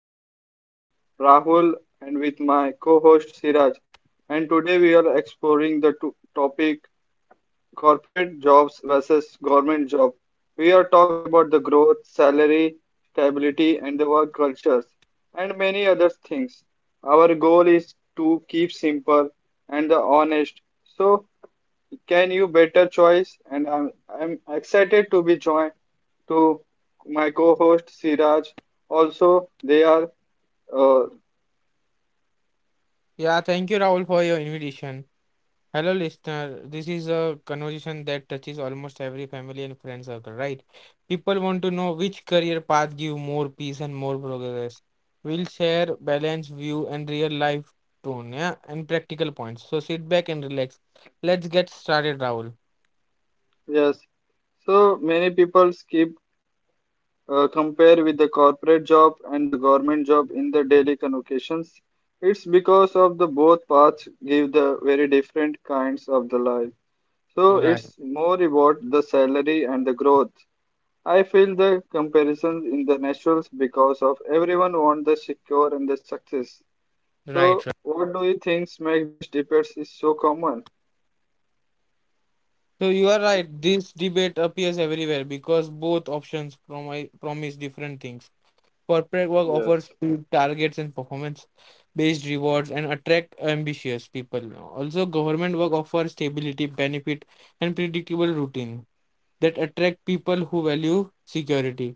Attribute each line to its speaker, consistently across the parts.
Speaker 1: podcast. I am Rahul and with my co-host Siraj, and today we are exploring the topic. Corporate jobs versus government job. We are talk about the growth, salary, stability, and the work cultures, and many other things. Our goal is to keep simple and the honest. So, can you better choice? And I'm excited to be joined to my co-host Siraj. Also, they are uh,
Speaker 2: Yeah, thank you, Rahul, for your invitation. Hello, listener. This is a conversation that touches almost every family and friend circle, right? People want to know which career path give more peace and more progress. We'll share balanced view and real life tone, yeah, and practical points. So sit back and relax. Let's get started, Rahul.
Speaker 1: yes. So many people skip compare with the corporate job and the government job in the daily convocations. It's because of the both paths give the very different kinds of the life. So
Speaker 2: Right,
Speaker 1: it's more about the salary and the growth. I feel the comparison in the naturals because of everyone want the secure and the success. So
Speaker 2: right, right.
Speaker 1: what do you think make these debates is so common?
Speaker 2: So you are right. This debate appears everywhere because both options promise different things. Corporate work offers few targets and performance-based rewards and attract ambitious people. Also, government work offers stability, benefit, and predictable routine that attract people who value security.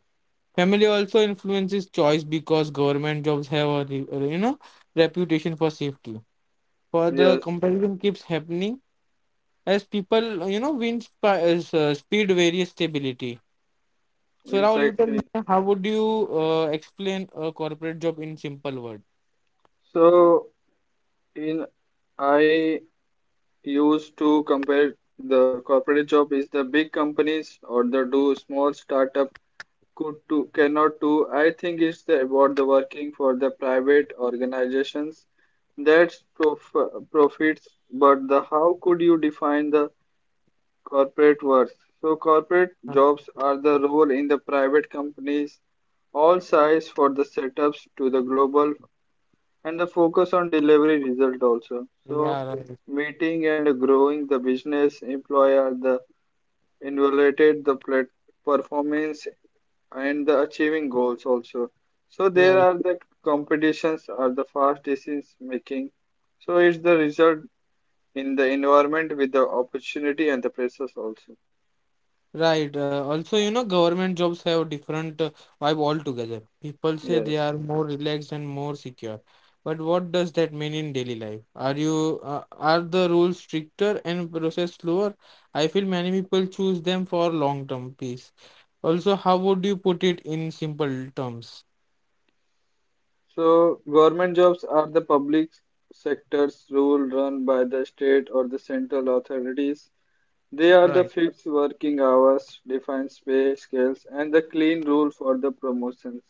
Speaker 2: Family also influences choice because government jobs have a reputation for safety. For the
Speaker 1: Yes,
Speaker 2: comparison keeps happening as people win speed various stability. So now you tell me,
Speaker 1: exactly.
Speaker 2: how would you explain a corporate job in simple words?
Speaker 1: So in I used to compare the corporate job is the big companies or the do small startup could do cannot do. I think it's the about the working for the private organizations that profits, but the how could you define the corporate worth? So corporate
Speaker 2: Huh.
Speaker 1: jobs are the role in the private companies all size for the setups to the global and the focus on delivery result also, so
Speaker 2: Yeah, right.
Speaker 1: meeting and growing the business employer the evaluated the performance and the achieving goals also, so there
Speaker 2: Yeah,
Speaker 1: are the competitions are the fast decision making, so it's the result in the environment with the opportunity and the pressures also.
Speaker 2: right. Also, you know, government jobs have different vibe altogether. People say they
Speaker 1: Yes,
Speaker 2: are more relaxed and more secure. But what does that mean in daily life? Are you are the rules stricter and process slower? I feel many people choose them for long-term peace. Also, how would you put it in simple terms?
Speaker 1: so government jobs are the public sectors rule run by the state or the central authorities. They are the
Speaker 2: Right,
Speaker 1: fixed working hours, defined pay scales, and the clean rule for the promotions.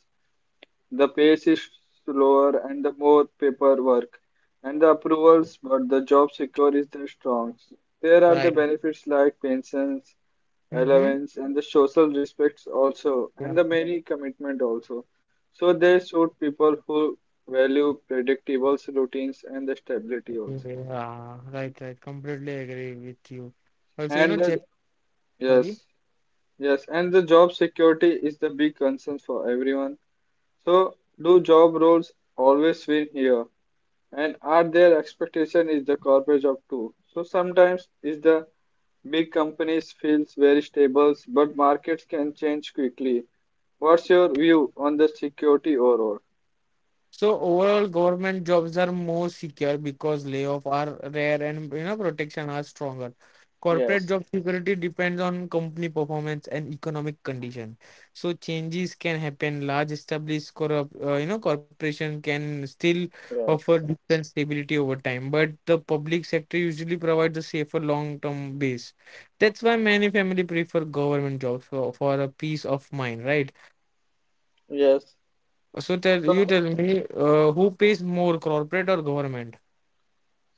Speaker 1: The pace is slower and the more paperwork and the approvals, but the job secure is the strong. There are the
Speaker 2: right.
Speaker 1: benefits like pensions,
Speaker 2: Mm-hmm.
Speaker 1: allowance, and the social respects also, and the many commitment also. So they suit people who value predictable routines and the stability also.
Speaker 2: Yeah, right, right. Completely agree with you. Also, you
Speaker 1: And
Speaker 2: know,
Speaker 1: the,
Speaker 2: Jap sorry.
Speaker 1: yes. Yes, and the job security is the big concern for everyone. So, do job roles always win here? And are their expectation is the corporate job too? So sometimes is the big companies feels very stable, but markets can change quickly. What's your view on the security overall?
Speaker 2: So overall, government jobs are more secure because layoff are rare and protection are stronger. Corporate
Speaker 1: Yes,
Speaker 2: job security depends on company performance and economic condition. So changes can happen. Large established corrupt, corporation can still offer
Speaker 1: yes,
Speaker 2: decent stability over time, but the public sector usually provides a safer long-term base. That's why many family prefer government jobs for a peace of mind, right?
Speaker 1: Yes.
Speaker 2: So tell you
Speaker 1: So,
Speaker 2: tell me uh, who pays more, corporate or government?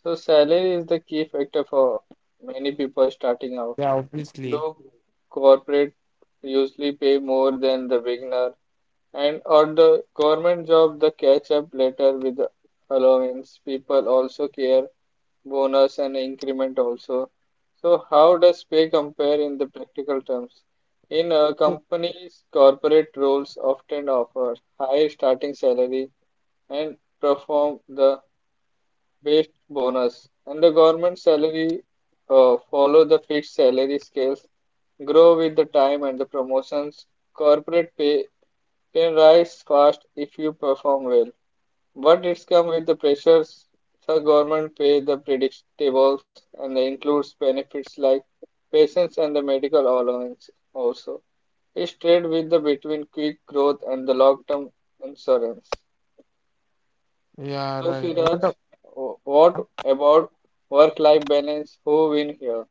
Speaker 1: so salary is the key factor for many people starting out.
Speaker 2: Yeah, obviously.
Speaker 1: Do corporate usually pay more than the beginner? And or the government job the catch up later with the allowance? People also care bonus and increment also. So how does pay compare in the practical terms? In a company's corporate roles often offer higher starting salary and perform the based bonus, and the government salary follow the fixed salary scales, grow with the time and the promotions. Corporate pay can rise fast if you perform well, but it's come with the pressures. The government pay the predictables and they includes benefits like pensions and the medical allowance also. It's trade with the between quick growth and the long-term insurance.
Speaker 2: Yeah,
Speaker 1: So,
Speaker 2: right.
Speaker 1: Siraj,
Speaker 2: What up?
Speaker 1: what about work-life balance? Who win here?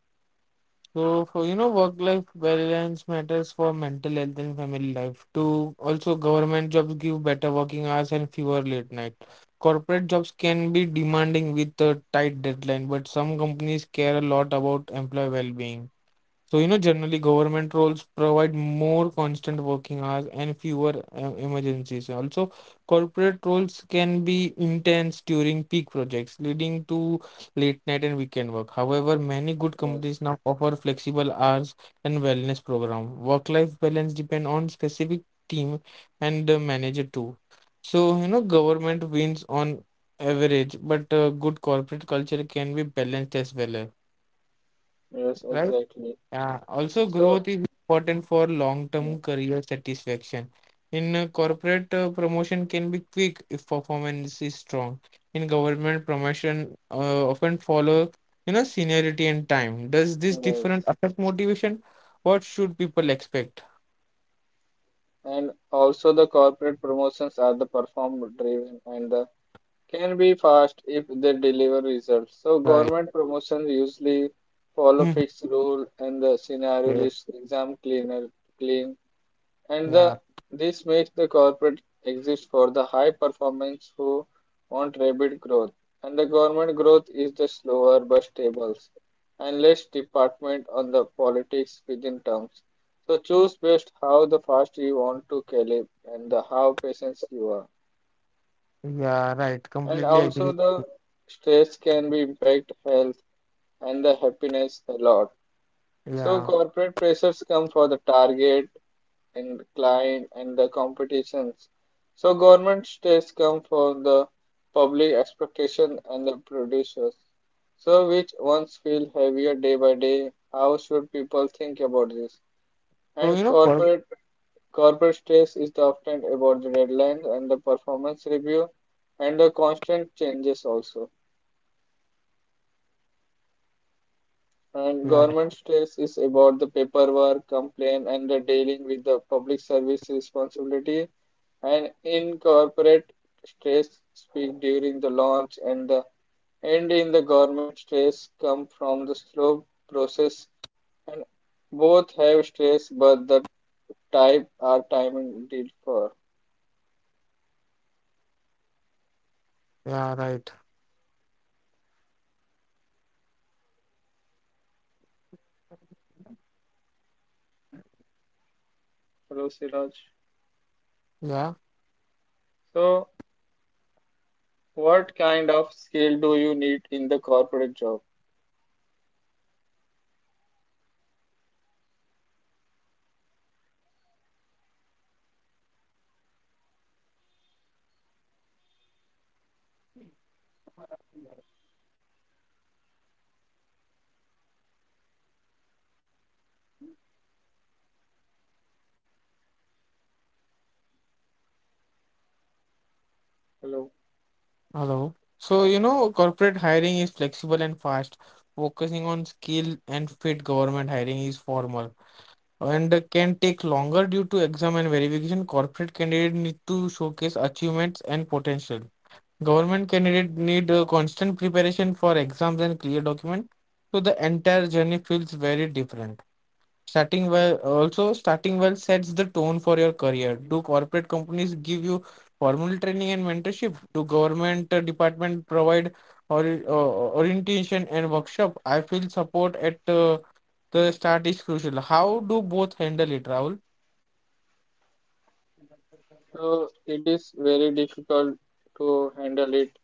Speaker 2: So for work-life balance matters for mental health and family life too. Also, government jobs give better working hours and fewer late night. Corporate jobs can be demanding with a tight deadline, but some companies care a lot about employee well-being. So, you know, generally government roles provide more constant working hours and fewer emergencies. Also, corporate roles can be intense during peak projects, leading to late night and weekend work. However, many good companies
Speaker 1: Yes,
Speaker 2: now offer flexible hours and wellness program. Work-life balance depend on specific team and the manager too. So, you know, government wins on average, but good corporate culture can be balanced as well,
Speaker 1: yes,
Speaker 2: right?
Speaker 1: exactly.
Speaker 2: Yeah, also
Speaker 1: So,
Speaker 2: growth is important for long-term
Speaker 1: yes,
Speaker 2: career satisfaction. In corporate, promotion can be quick if performance is strong. In government, promotion often follow, you know, seniority and time. Does this difference
Speaker 1: yes.
Speaker 2: affect motivation? What should people expect?
Speaker 1: And also the corporate promotions are the perform-driven and the can be fast if they deliver results. So,
Speaker 2: Right.
Speaker 1: government promotions usually follow
Speaker 2: Mhm.
Speaker 1: fixed rule and the scenario
Speaker 2: Yeah.
Speaker 1: list exam cleaner clean and
Speaker 2: Yeah.
Speaker 1: the, this makes the corporate exist for the high performance who want rapid growth, and the government growth is the slower but stable and less department on the politics within terms, so choose best how the fast you want to calculate and the how patient you are.
Speaker 2: Yeah. Right.
Speaker 1: And
Speaker 2: Completely
Speaker 1: also
Speaker 2: agree.
Speaker 1: the stress can be impact health and the happiness a lot, so
Speaker 2: Yeah.
Speaker 1: corporate pressures come for the target and client and the competitions. So government tests come from the public expectation and the producers. So which ones feel heavier day by day? How should people think about this?
Speaker 2: So
Speaker 1: And
Speaker 2: you know, cor
Speaker 1: corporate corporate stress is often about the deadlines and the performance review and the constant changes also. And
Speaker 2: yeah.
Speaker 1: government stress is about the paperwork, complaint, and the dealing with the public service responsibility. And in corporate stress, speak during the launch and the end, in the government stress come from the slow process, and both have stress, but the type are timing did for.
Speaker 2: Yeah. Right.
Speaker 1: Hello, Siraj.
Speaker 2: Yeah.
Speaker 1: So, what kind of skill do you need in the corporate job? Hello.
Speaker 2: Hello. So, you know, corporate hiring is flexible and fast, focusing on skill and fit. Government hiring is formal and can take longer due to exam and verification. Corporate candidate need to showcase achievements and potential. Government candidate need constant preparation for exams and clear document. So the entire journey feels very different. Starting well sets the tone for your career. Do corporate companies give you formal training and mentorship? Do government department provide or orientation and workshop? I feel support at the start is crucial. How do both handle it, Rahul?
Speaker 1: So it is very difficult to handle it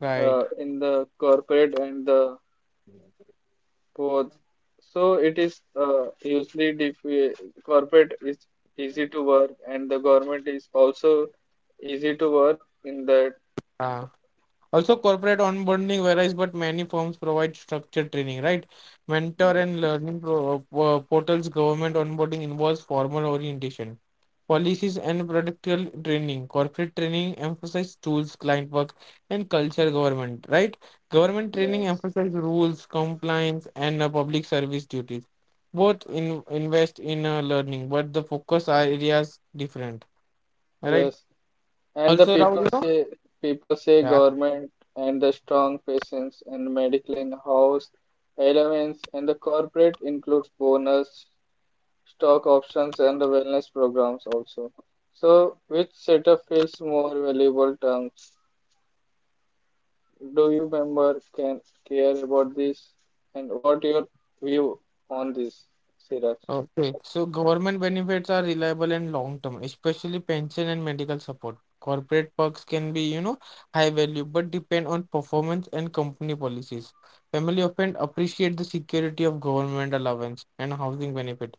Speaker 2: Right.
Speaker 1: in the corporate and the both. So it is usually dif corporate is easy to work and the government is also easy to work in that.
Speaker 2: Uh, Also, corporate onboarding varies, but many firms provide structured training, right? Mentor
Speaker 1: Yes,
Speaker 2: and learning portals, government onboarding involves formal orientation. Policies and practical training. Corporate training emphasize tools, client work, and culture government, right? Government training
Speaker 1: yes,
Speaker 2: emphasize rules, compliance, and public service duties. Both invest in learning, but the focus are areas different, right?
Speaker 1: yes. And the
Speaker 2: Also, Rahul,
Speaker 1: people
Speaker 2: you know?
Speaker 1: say people say
Speaker 2: Yeah.
Speaker 1: government and the strong patients and medical in-house elements, and the corporate includes bonus stock options and the wellness programs also. So which setup feels more valuable terms? Do you member can care about this and what your view on this, Siraj?
Speaker 2: Okay, so government benefits are reliable and long term, especially pension and medical support. Corporate perks can be, you know, high value but depend on performance and company policies. Family often appreciate the security of government allowance and housing benefit.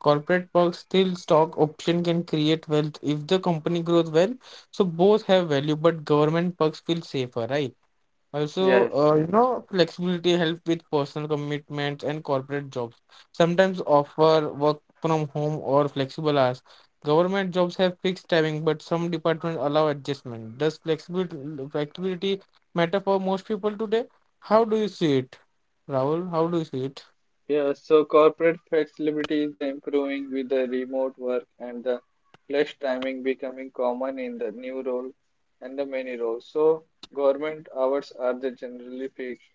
Speaker 2: Corporate perks still stock option can create wealth if the company grows well. So both have value, but government perks feel safer, right? Also, you know, flexibility help with personal commitments and corporate jobs. Sometimes offer work from home or flexible hours. Government jobs have fixed timing, but some departments allow adjustment. Does flexibility matter for most people today? How do you see it, Rahul? How do you see it,
Speaker 1: Yeah, so corporate flexibility is the improving with the remote work and the flex timing becoming common in the new role and the many roles. So government hours are the generally fixed,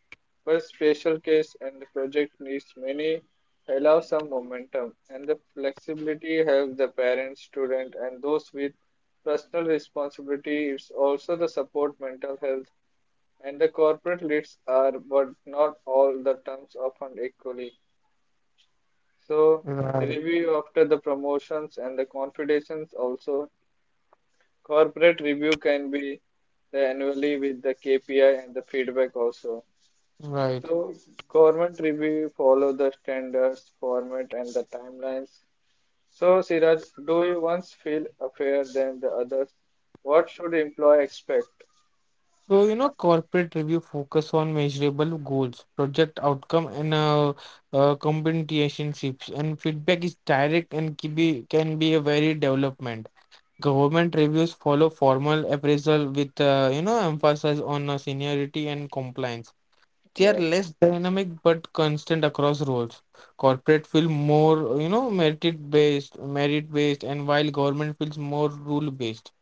Speaker 1: but special case and the project needs many allow some momentum, and the flexibility helps the parents, student and those with personal responsibility. It's also the support mental health and the corporate leads are but not all the terms often equally. So
Speaker 2: Right,
Speaker 1: review after the promotions and the confidentials also. Corporate review can be annually with the KPI and the feedback also.
Speaker 2: right.
Speaker 1: So government review follow the standards, format and the timelines. So Siraj, do you once feel fair than the others? What should employee expect?
Speaker 2: So, you know, corporate review focus on measurable goals, project outcome, and compensationships, and feedback is direct and can be a very development. Government reviews follow formal appraisal with, you know, emphasis on seniority and compliance. They are
Speaker 1: Yes,
Speaker 2: less dynamic but constant across roles. Corporate feel more, you know, merit based, and while government feels more rule based.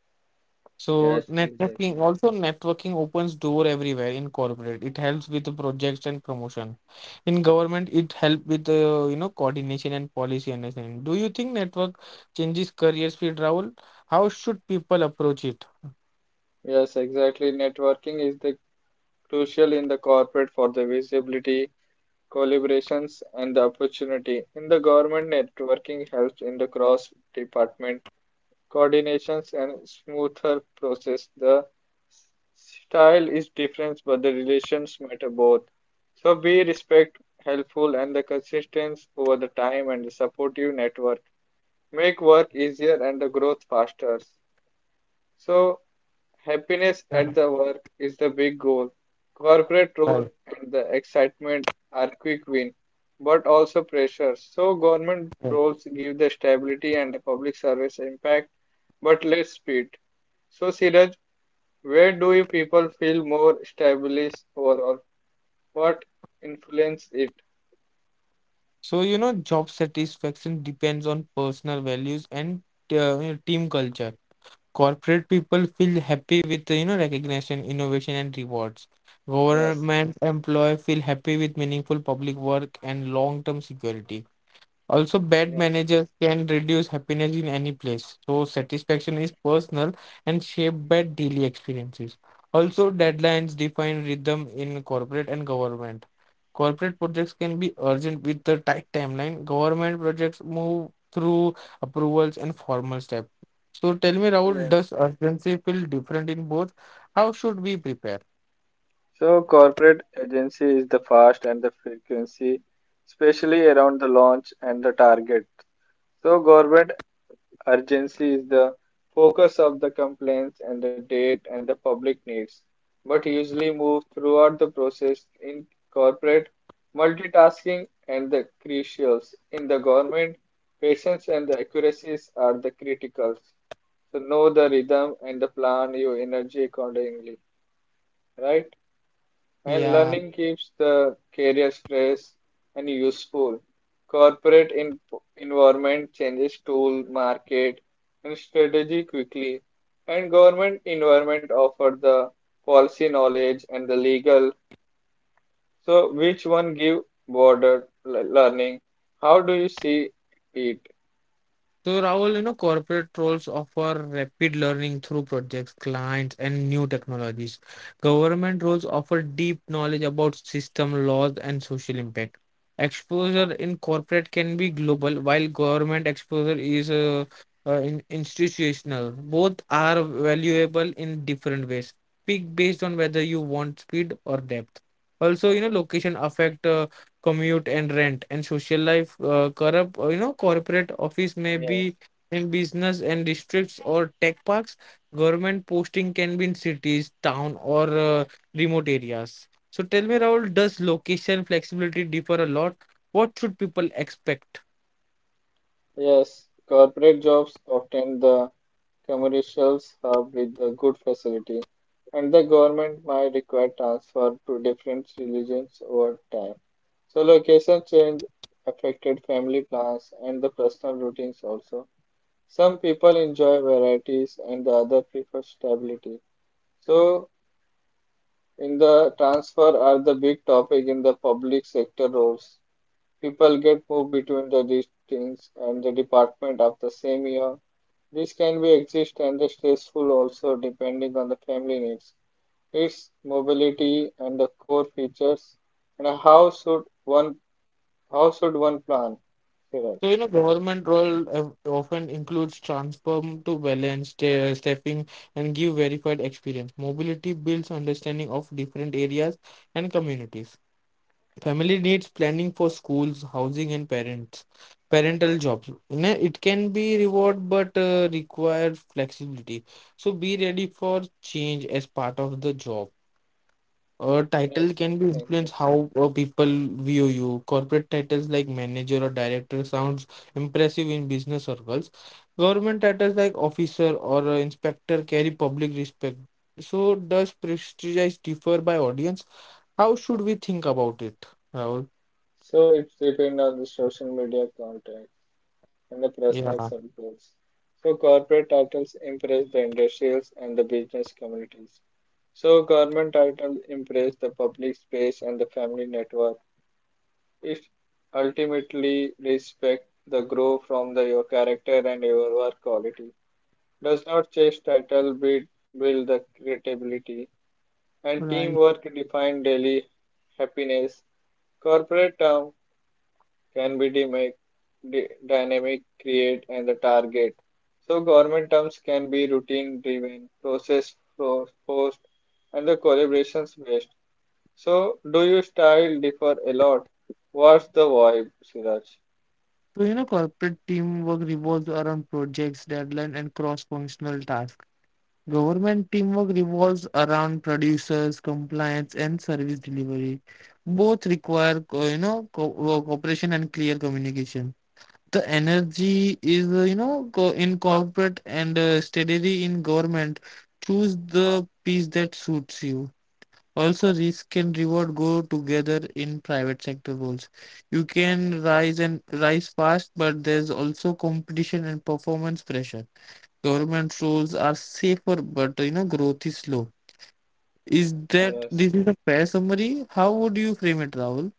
Speaker 2: So
Speaker 1: yes, exactly.
Speaker 2: networking also networking opens door everywhere in corporate. It helps with the projects and promotion. In government, it help with you know coordination and policy understanding. Do you think network changes career field, Rahul? How should people approach it?
Speaker 1: Yes, exactly. Networking is the crucial in the corporate for the visibility collaborations and the opportunity. In the government networking helps in the cross department coordinations and smoother process. The style is different but the relations matter both, so be respect helpful and the consistency over the time, and the supportive network make work easier and the growth faster. So happiness at
Speaker 2: Yeah,
Speaker 1: the work is the big goal. Corporate role
Speaker 2: right,
Speaker 1: and the excitement are quick win, but also pressure. So government
Speaker 2: right.
Speaker 1: roles give the stability and the public service impact, but less speed. So Siraj, where do you people feel more established overall? What influence it?
Speaker 2: So you know, job satisfaction depends on personal values and you know, team culture. Corporate people feel happy with you know recognition, innovation, and rewards.
Speaker 1: Yes.
Speaker 2: Government employee feel happy with meaningful public work and long-term security. Also, bad
Speaker 1: Yes.
Speaker 2: managers can reduce happiness in any place. So satisfaction is personal and shaped by daily experiences. Also, deadlines define rhythm in corporate and government. Corporate projects can be urgent with a tight timeline. Government projects move through approvals and formal steps. So tell me, Rahul,
Speaker 1: Yes.
Speaker 2: does urgency feel different in both? How should we prepare?
Speaker 1: So corporate agency is the fast and the frequency, especially around the launch and the target. So government urgency is the focus of the complaints and the date and the public needs, but usually move throughout the process. In corporate, multitasking and the crucials. In the government, patience and the accuracies are the criticals. So know the rhythm and the plan your energy accordingly, right? And
Speaker 2: Yeah.
Speaker 1: learning keeps the careers fresh and useful. Corporate environment changes tool, market, and strategy quickly. And government environment offer the policy knowledge and the legal. So which one give broader learning? How do you see it?
Speaker 2: So Rahul, you know, corporate roles offer rapid learning through projects, clients, and new technologies. Government roles offer deep knowledge about system, laws, and social impact. Exposure in corporate can be global, while government exposure is in institutional. Both are valuable in different ways. Pick based on whether you want speed or depth. Also, you know, location affect commute and rent and social life, corrupt you know, corporate office may be
Speaker 1: Yes.
Speaker 2: in business and districts or tech parks. Government posting can be in cities town or remote areas. So tell me, Rahul, does location flexibility differ a lot? What should people expect?
Speaker 1: Yes, corporate jobs often the commercials hub with the good facility, and the government might require transfer to different religions over time. So location change affected family plans and the personal routines also. Some people enjoy varieties and the other prefer stability. So in the transfer are the big topic in the public sector roles. People get moved between the disciplines and the department of the same year. This can be exist and the stressful also depending on the family needs, its mobility and the core features. And how should one plan? Siraj.
Speaker 2: So you know, government role often includes transform to balance stepping and give verified experience. Mobility builds understanding of different areas and communities. Family needs planning for schools, housing, and parental jobs. You know, it can be reward but require flexibility. So be ready for change as part of the job. A title
Speaker 1: Yes,
Speaker 2: can be
Speaker 1: thank you.
Speaker 2: influence how people view you. Corporate titles like manager or director sounds impressive in business circles. Government titles like officer or inspector carry public respect. So does prestige differ by audience? How should we think about it, Rahul?
Speaker 1: So it's depend on the social media content and the
Speaker 2: Yeah,
Speaker 1: personal circles. So corporate titles impress the industrials and the business communities. So government titles impress the public space and the family network. It ultimately respect the growth from the, your character and your work quality. Does not chase title build the credibility, and
Speaker 2: right.
Speaker 1: teamwork define daily happiness. Corporate term can be dynamic, create, and the target. So government terms can be routine driven, process forced, and the collaborations based. So do your style differ a lot? What's the vibe, Siraj?
Speaker 2: So, you know, corporate teamwork revolves around projects, deadline, and cross-functional tasks. Government teamwork revolves around producers, compliance, and service delivery. Both require, co- you know, co cooperation and clear communication. The energy is, you know, co in corporate and steadily in government. Choose the piece that suits you. Also, risk and reward go together in private sector roles. You can rise fast, but there's also competition and performance pressure. Government roles are safer, but you know growth is slow. Is that
Speaker 1: Yes.
Speaker 2: this is a fair summary? How would you frame it, Rahul?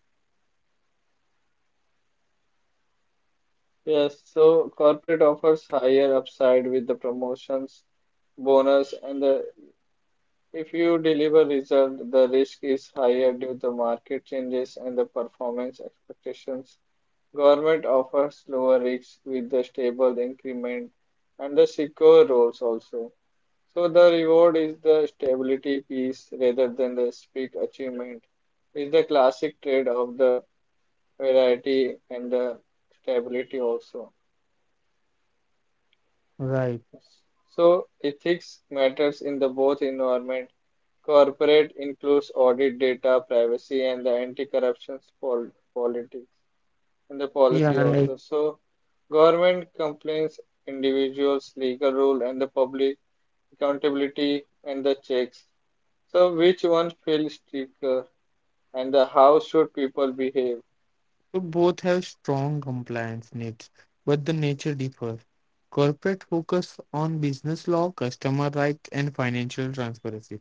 Speaker 1: Yes, so corporate offers higher upside with the promotions, bonus, and the if you deliver result, the risk is higher due to market changes and the performance expectations. Government offers lower risks with the stable increment and the secure roles also. So the reward is the stability piece rather than the speed achievement is the classic trade of the variety and the stability also.
Speaker 2: Right.
Speaker 1: So ethics matters in the both environment. Corporate includes audit data, privacy and the anti-corruption politics and the
Speaker 2: Yeah,
Speaker 1: policy
Speaker 2: right.
Speaker 1: also. So government complaints, individuals, legal rule, and the public accountability and the checks. So which one feels stricter and the how should people behave?
Speaker 2: So both have strong compliance needs, but the nature differs. Corporate focus on business law, customer rights, and financial transparency,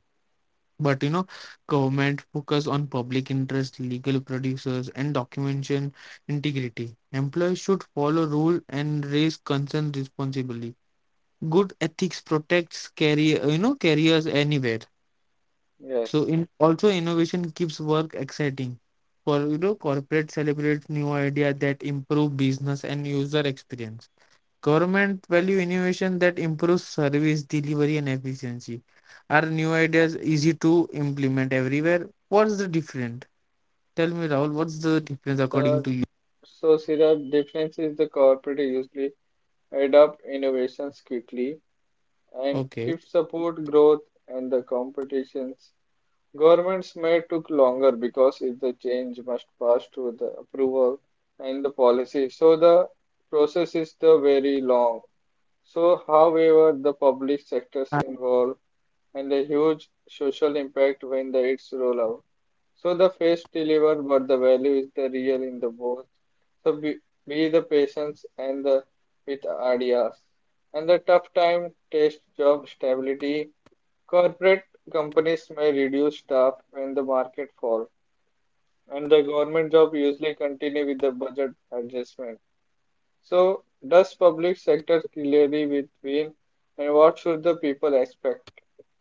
Speaker 2: but you know, government focus on public interest, legal producers, and documentation integrity. Employees should follow rule and raise concerns responsibly. Good ethics protects careers anywhere. So
Speaker 1: Yes.
Speaker 2: in also innovation keeps work exciting. For you know corporate celebrates new idea that improve business and user experience. Government value innovation that improves service delivery and efficiency. Are new ideas easy to implement everywhere? What's the difference? Tell me, Rahul, what's the difference according to
Speaker 1: So
Speaker 2: you?
Speaker 1: so Siraj, difference is the corporate usually adopt innovations quickly and
Speaker 2: Okay.
Speaker 1: if support growth and the competitions. Governments may took longer because if the change must pass through the approval and the policy, so the process is the very long. So,
Speaker 2: Well,
Speaker 1: however, the public sectors involved and a huge social impact when the its roll out. So the face deliver, but the value is the real in the both. So be the patience and the with ideas. And the tough time test job stability. Corporate companies may reduce staff when the market fall, and the government job usually continue with the budget adjustment. So, does public sector clearly with pain, and what should the people expect?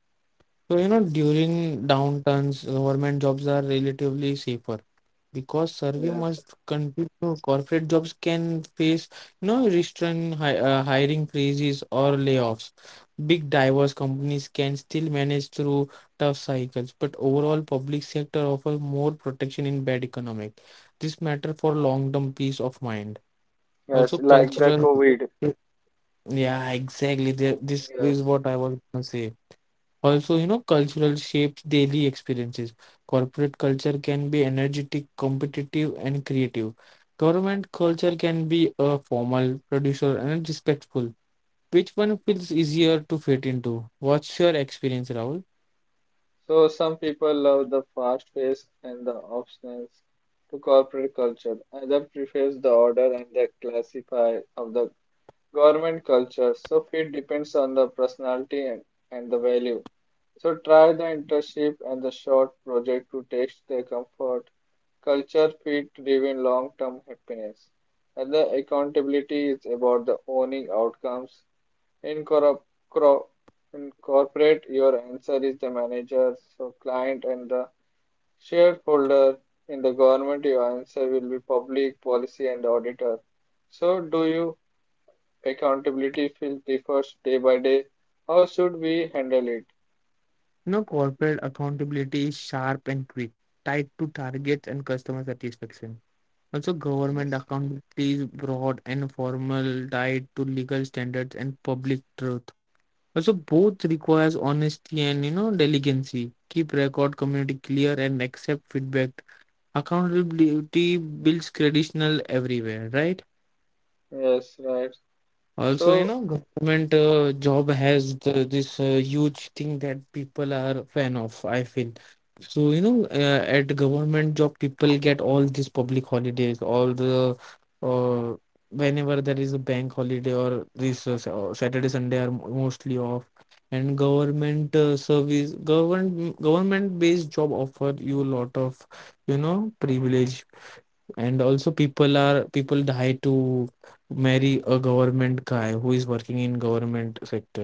Speaker 2: so, you know, during downturns, government jobs are relatively safer because survey must
Speaker 1: Yes.
Speaker 2: continue. Corporate jobs can face, you know, restraint, hi hiring freezes or layoffs. Big diverse companies can still manage through tough cycles, but overall, public sector offers more protection in bad economic. This matter for long-term peace of mind. Also,
Speaker 1: Yes,
Speaker 2: cultural.
Speaker 1: like the COVID.
Speaker 2: Yeah, exactly. There, this is what I
Speaker 1: Yes.
Speaker 2: was gonna say. Also, you know, cultural shapes daily experiences. Corporate culture can be energetic, competitive, and creative. Government culture can be a formal, producer, and respectful. Which one feels easier to fit into? What's your experience, Rahul?
Speaker 1: So some people love the fast pace and the options to corporate culture. Others prefers the order and the classify of the government culture. So it depends on the personality and the value. So try the internship and the short project to test their comfort. Culture fit driven long term happiness. And the accountability is about the owning outcomes. Incorpor- cro- Incorporate your answer is the manager, so client and the shareholder in the government. Your answer will be public policy and auditor. So, do you accountability feel differs day by day? How should we handle it?
Speaker 2: You know, corporate accountability is sharp and quick, tied to targets and customer satisfaction. Also, government accountability is broad and formal, tied to legal standards and public truth. Also, both requires honesty and delicacy. Keep record communicate clear and accept feedback. Accountability builds traditional everywhere, right?
Speaker 1: Yes, right.
Speaker 2: Also,
Speaker 1: So,
Speaker 2: you know, government job has this huge thing that people are fan of, I feel. So, you know, at government job, people get all these public holidays, all the uh, whenever there is a bank holiday or this Saturday, Sunday are mostly off. And government service, government based job offer you lot of, you know, privilege and also people die to marry a government guy who is working in government sector.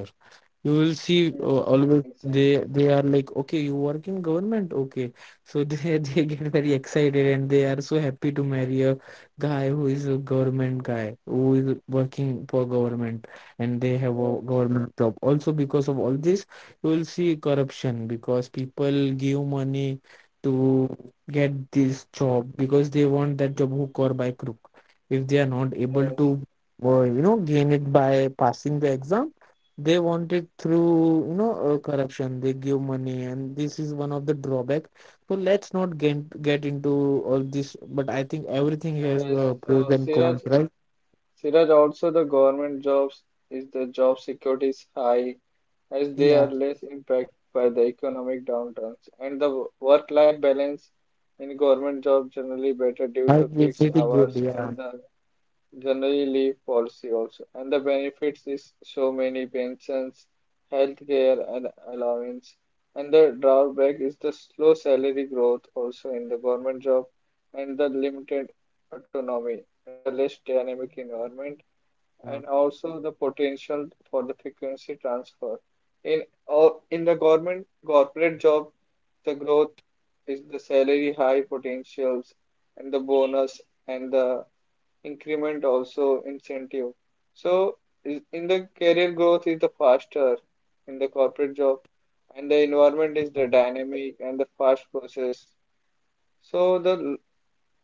Speaker 2: You will see
Speaker 1: yes,
Speaker 2: always they
Speaker 1: exactly.
Speaker 2: they are like, okay, you work in government, okay. So they they get very excited and they are so happy to marry a guy who is a government guy who is working for government, and they have a
Speaker 1: Yes,
Speaker 2: government job also. Because of all this you will see corruption, because people give money to get this job, because they want that job hook or by crook. If they are not able
Speaker 1: yes,
Speaker 2: to you know, gain it by passing the exam, they want it through, you know, corruption. They give money, and this is one of the drawback. So let's not get into all this. But I think everything has
Speaker 1: yes.
Speaker 2: pros
Speaker 1: So,
Speaker 2: and cons,
Speaker 1: Siraj,
Speaker 2: right?
Speaker 1: Siraj, also the government jobs is the job security is high as they are
Speaker 2: Yeah,
Speaker 1: less impacted by the economic downturns and the work life balance in government jobs generally better due to
Speaker 2: I feel
Speaker 1: fixed
Speaker 2: pretty
Speaker 1: hours
Speaker 2: good.
Speaker 1: and
Speaker 2: Yeah,
Speaker 1: the generally leave policy also. And the benefits is so many pensions, healthcare and allowance. And the drawback is the slow salary growth also in the government job and the limited autonomy and the less dynamic
Speaker 2: yeah,
Speaker 1: environment and also the potential for the frequency transfer. In the government corporate job, the growth is the salary high potentials and the bonus and the increment also incentive. So in the career growth is the faster in the corporate job and
Speaker 2: right.
Speaker 1: the environment is the dynamic and the fast process. So the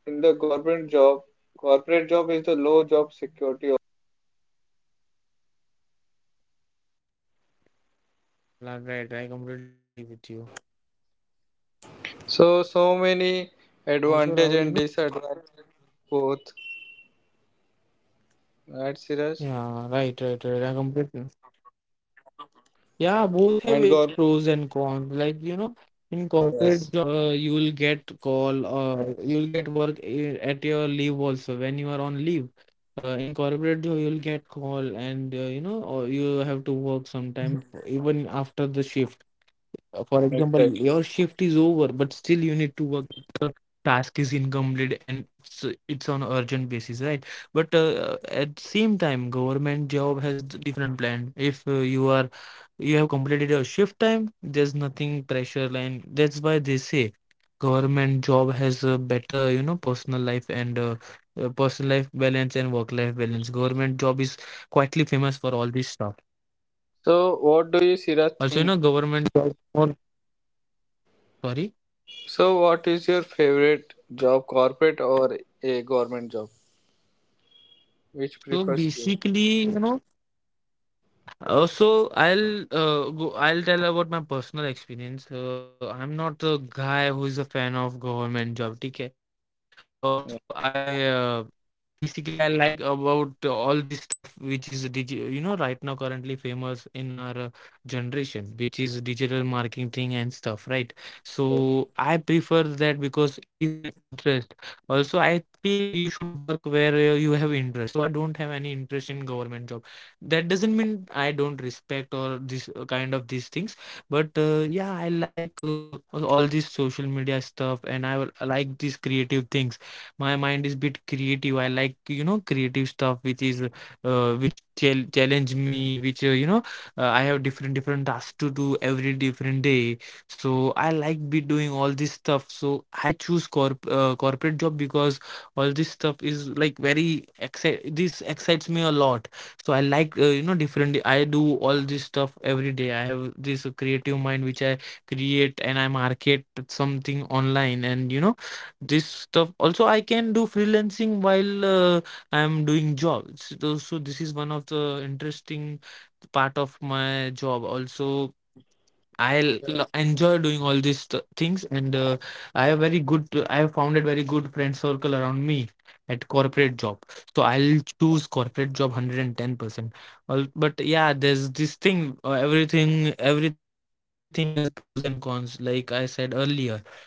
Speaker 1: in the government job, corporate job is the low job security.
Speaker 2: Yeah, right. I completely agree with you.
Speaker 1: So
Speaker 2: Also,
Speaker 1: many
Speaker 2: Rahul, you know,
Speaker 1: advantage and disadvantage both, right, Siraj?
Speaker 2: yeah, right, right, right. I completely. Yeah, both have
Speaker 1: And
Speaker 2: its
Speaker 1: government.
Speaker 2: pros and cons. Like, you know, in corporate job,
Speaker 1: Yes,
Speaker 2: you'll get call, you'll get work at your leave also when you are on leave. In corporate job, you'll get call and you know, or you have to work sometime even after the shift. For example, your shift is
Speaker 1: exactly.
Speaker 2: over, but still you need to work. The task is incomplete and it's on urgent basis, right? But at same time, government job has different plan. If you are you have completed your shift time, there's nothing pressure, and that's why they say government job has a better, you know, personal life and personal life balance and work life balance. Government job is quietly famous for all this stuff.
Speaker 1: So, what do you,
Speaker 2: Also,
Speaker 1: Siraj,
Speaker 2: you know,
Speaker 1: think?
Speaker 2: government job more, sorry,
Speaker 1: So, what is your favorite job, corporate or a government job? Which prefers
Speaker 2: so
Speaker 1: you?
Speaker 2: basically, you know, so I'll tell about my personal experience. I'm not a guy who is a fan of government job. Okay. Also,
Speaker 1: Yeah.
Speaker 2: I basically I like about all this stuff, which is digi you know, right now currently famous in our generation, which is digital marketing and stuff, right? So I prefer that because it is my interest. Also, I feel you should work where you have interest. So I don't have any interest in government job. That doesn't mean I don't respect or this kind of these things, but yeah, I like all this social media stuff, and I like these creative things. My mind is bit creative. I like, you know, creative stuff which is which challenge me, which you know, I have different tasks to do every different day. So I like be doing all this stuff. So I choose corporate job because all this stuff is like very excite this excites me a lot. So I like, you know, different, I do all this stuff every day. I have this creative mind which I create and I market something online, and you know, this stuff also I can do freelancing while I'm doing jobs. So, so this is one of the interesting part of my job also. Enjoy doing all these things, and I have very good, I have founded very good friend circle around me at corporate job. So I'll choose corporate job 110%. All but yeah, there's this thing. Everything has pros and cons, like I said earlier,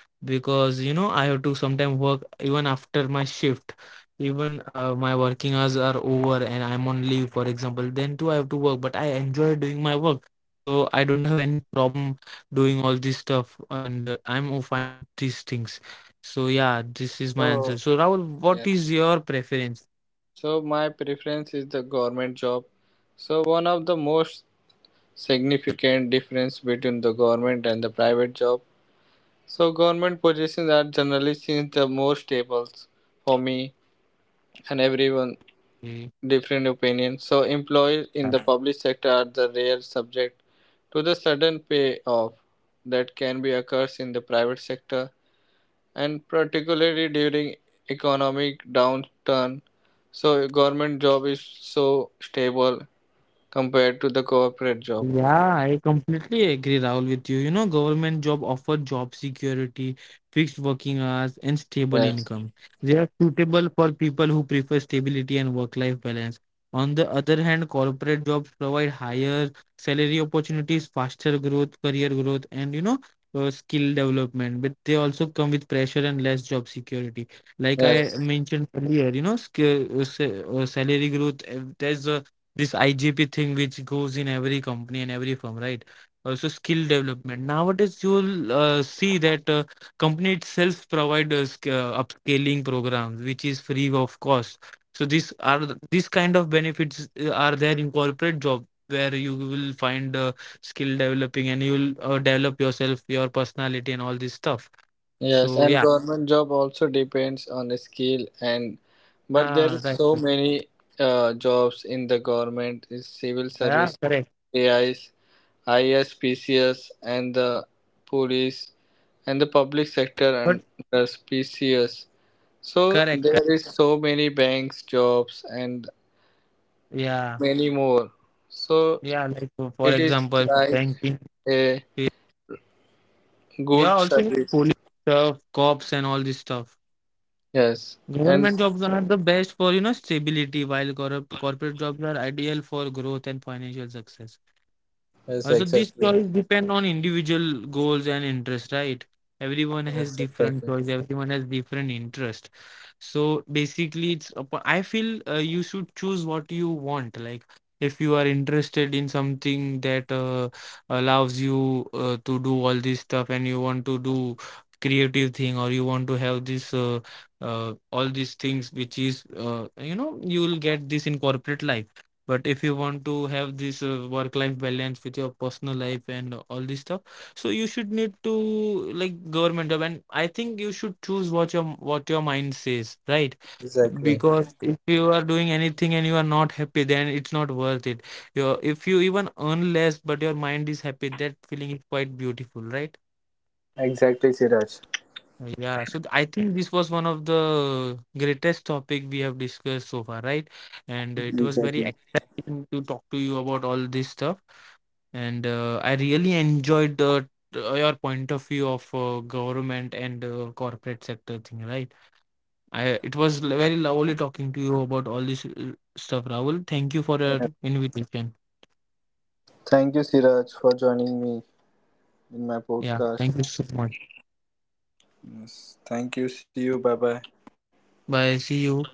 Speaker 2: because, you know, I have to sometimes work even after my shift. Even my working hours are over and I'm on leave, for example, then too I have to work. But I enjoy doing my work, so I don't have any problem doing all this stuff, and I'm fine with these things. So yeah, this is my
Speaker 1: So,
Speaker 2: answer. So Rahul,
Speaker 1: yeah.
Speaker 2: what is your preference?
Speaker 1: So, my preference is the government job. So, one of the most significant difference between the government and the private job. So, government positions are generally seen the more stable for me and everyone
Speaker 2: Eh,
Speaker 1: different opinions. So employees in the public sector are the rare subject to the sudden payoff that can be occurs in the private sector and particularly during economic downturn. So government job is so stable compared to the corporate job.
Speaker 2: yeah, I completely agree, Rahul, with you. You know, government job offer job security, fixed working hours, and stable income.
Speaker 1: Yes,
Speaker 2: They are suitable for people who prefer stability and work-life balance. On the other hand, corporate jobs provide higher salary opportunities, faster growth, career growth, and you know, skill development. But they also come with pressure and less job security. Like I
Speaker 1: yes,
Speaker 2: mentioned earlier, you know, skill, salary growth. There's a this IGP thing which goes in every company and every firm, right? Also, skill development. Nowadays, you'll see that company itself provide upscaling programs, which is free of cost. So these are these kind of benefits are there in corporate job, where you will find skill developing and you'll develop yourself, your personality, and all this stuff.
Speaker 1: yes,
Speaker 2: So
Speaker 1: and
Speaker 2: yeah,
Speaker 1: government job also depends on the skill and but there
Speaker 2: ah,
Speaker 1: is
Speaker 2: right,
Speaker 1: so
Speaker 2: right.
Speaker 1: many jobs in the government is civil
Speaker 2: Yeah,
Speaker 1: service
Speaker 2: correct,
Speaker 1: AIs, ISPCS, and the police and the public sector
Speaker 2: but
Speaker 1: under PCS. So
Speaker 2: correct, correct.
Speaker 1: there is so many banks, jobs, and
Speaker 2: Yeah,
Speaker 1: many more. So
Speaker 2: yeah. Like, for
Speaker 1: it is
Speaker 2: example,
Speaker 1: like
Speaker 2: banking.
Speaker 1: a
Speaker 2: Yeah, yeah,
Speaker 1: good
Speaker 2: also you know, police
Speaker 1: service.
Speaker 2: stuff, cops, and all this stuff.
Speaker 1: Yes, and
Speaker 2: Government jobs are the best for, you know, stability, while corrupt corporate jobs are ideal for growth and financial success.
Speaker 1: yes,
Speaker 2: Also, these
Speaker 1: exactly.
Speaker 2: choice depend on individual goals and interest, right? Everyone has
Speaker 1: Yes,
Speaker 2: different
Speaker 1: exactly.
Speaker 2: choice. Everyone has different interest. So basically, I feel you should choose what you want. Like if you are interested in something that allows you to do all this stuff, and you want to do creative thing, or you want to have this all these things, which is you know, you will get this in corporate life. But if you want to have this work-life balance with your personal life and all this stuff, so you should need to like government job. And I think you should choose what your mind says, right?
Speaker 1: Exactly.
Speaker 2: Because if you are doing anything and you are not happy, then it's not worth it. Your if you even earn less, but your mind is happy, that feeling is quite beautiful, right?
Speaker 1: Exactly, Siraj.
Speaker 2: Yeah, so I think this was one of the greatest topic we have discussed so far, right? And it was very
Speaker 1: Exactly.
Speaker 2: exciting to talk to you about all this stuff. And I really enjoyed your point of view of government and corporate sector thing, right? I It was very lovely talking to you about all this stuff, Rahul. Thank you for your
Speaker 1: Yeah.
Speaker 2: invitation.
Speaker 1: Thank you, Siraj, for joining me in my
Speaker 2: Yeah,
Speaker 1: podcast.
Speaker 2: thank you so much.
Speaker 1: Yes. Thank you. See you. Bye bye.
Speaker 2: Bye. See you.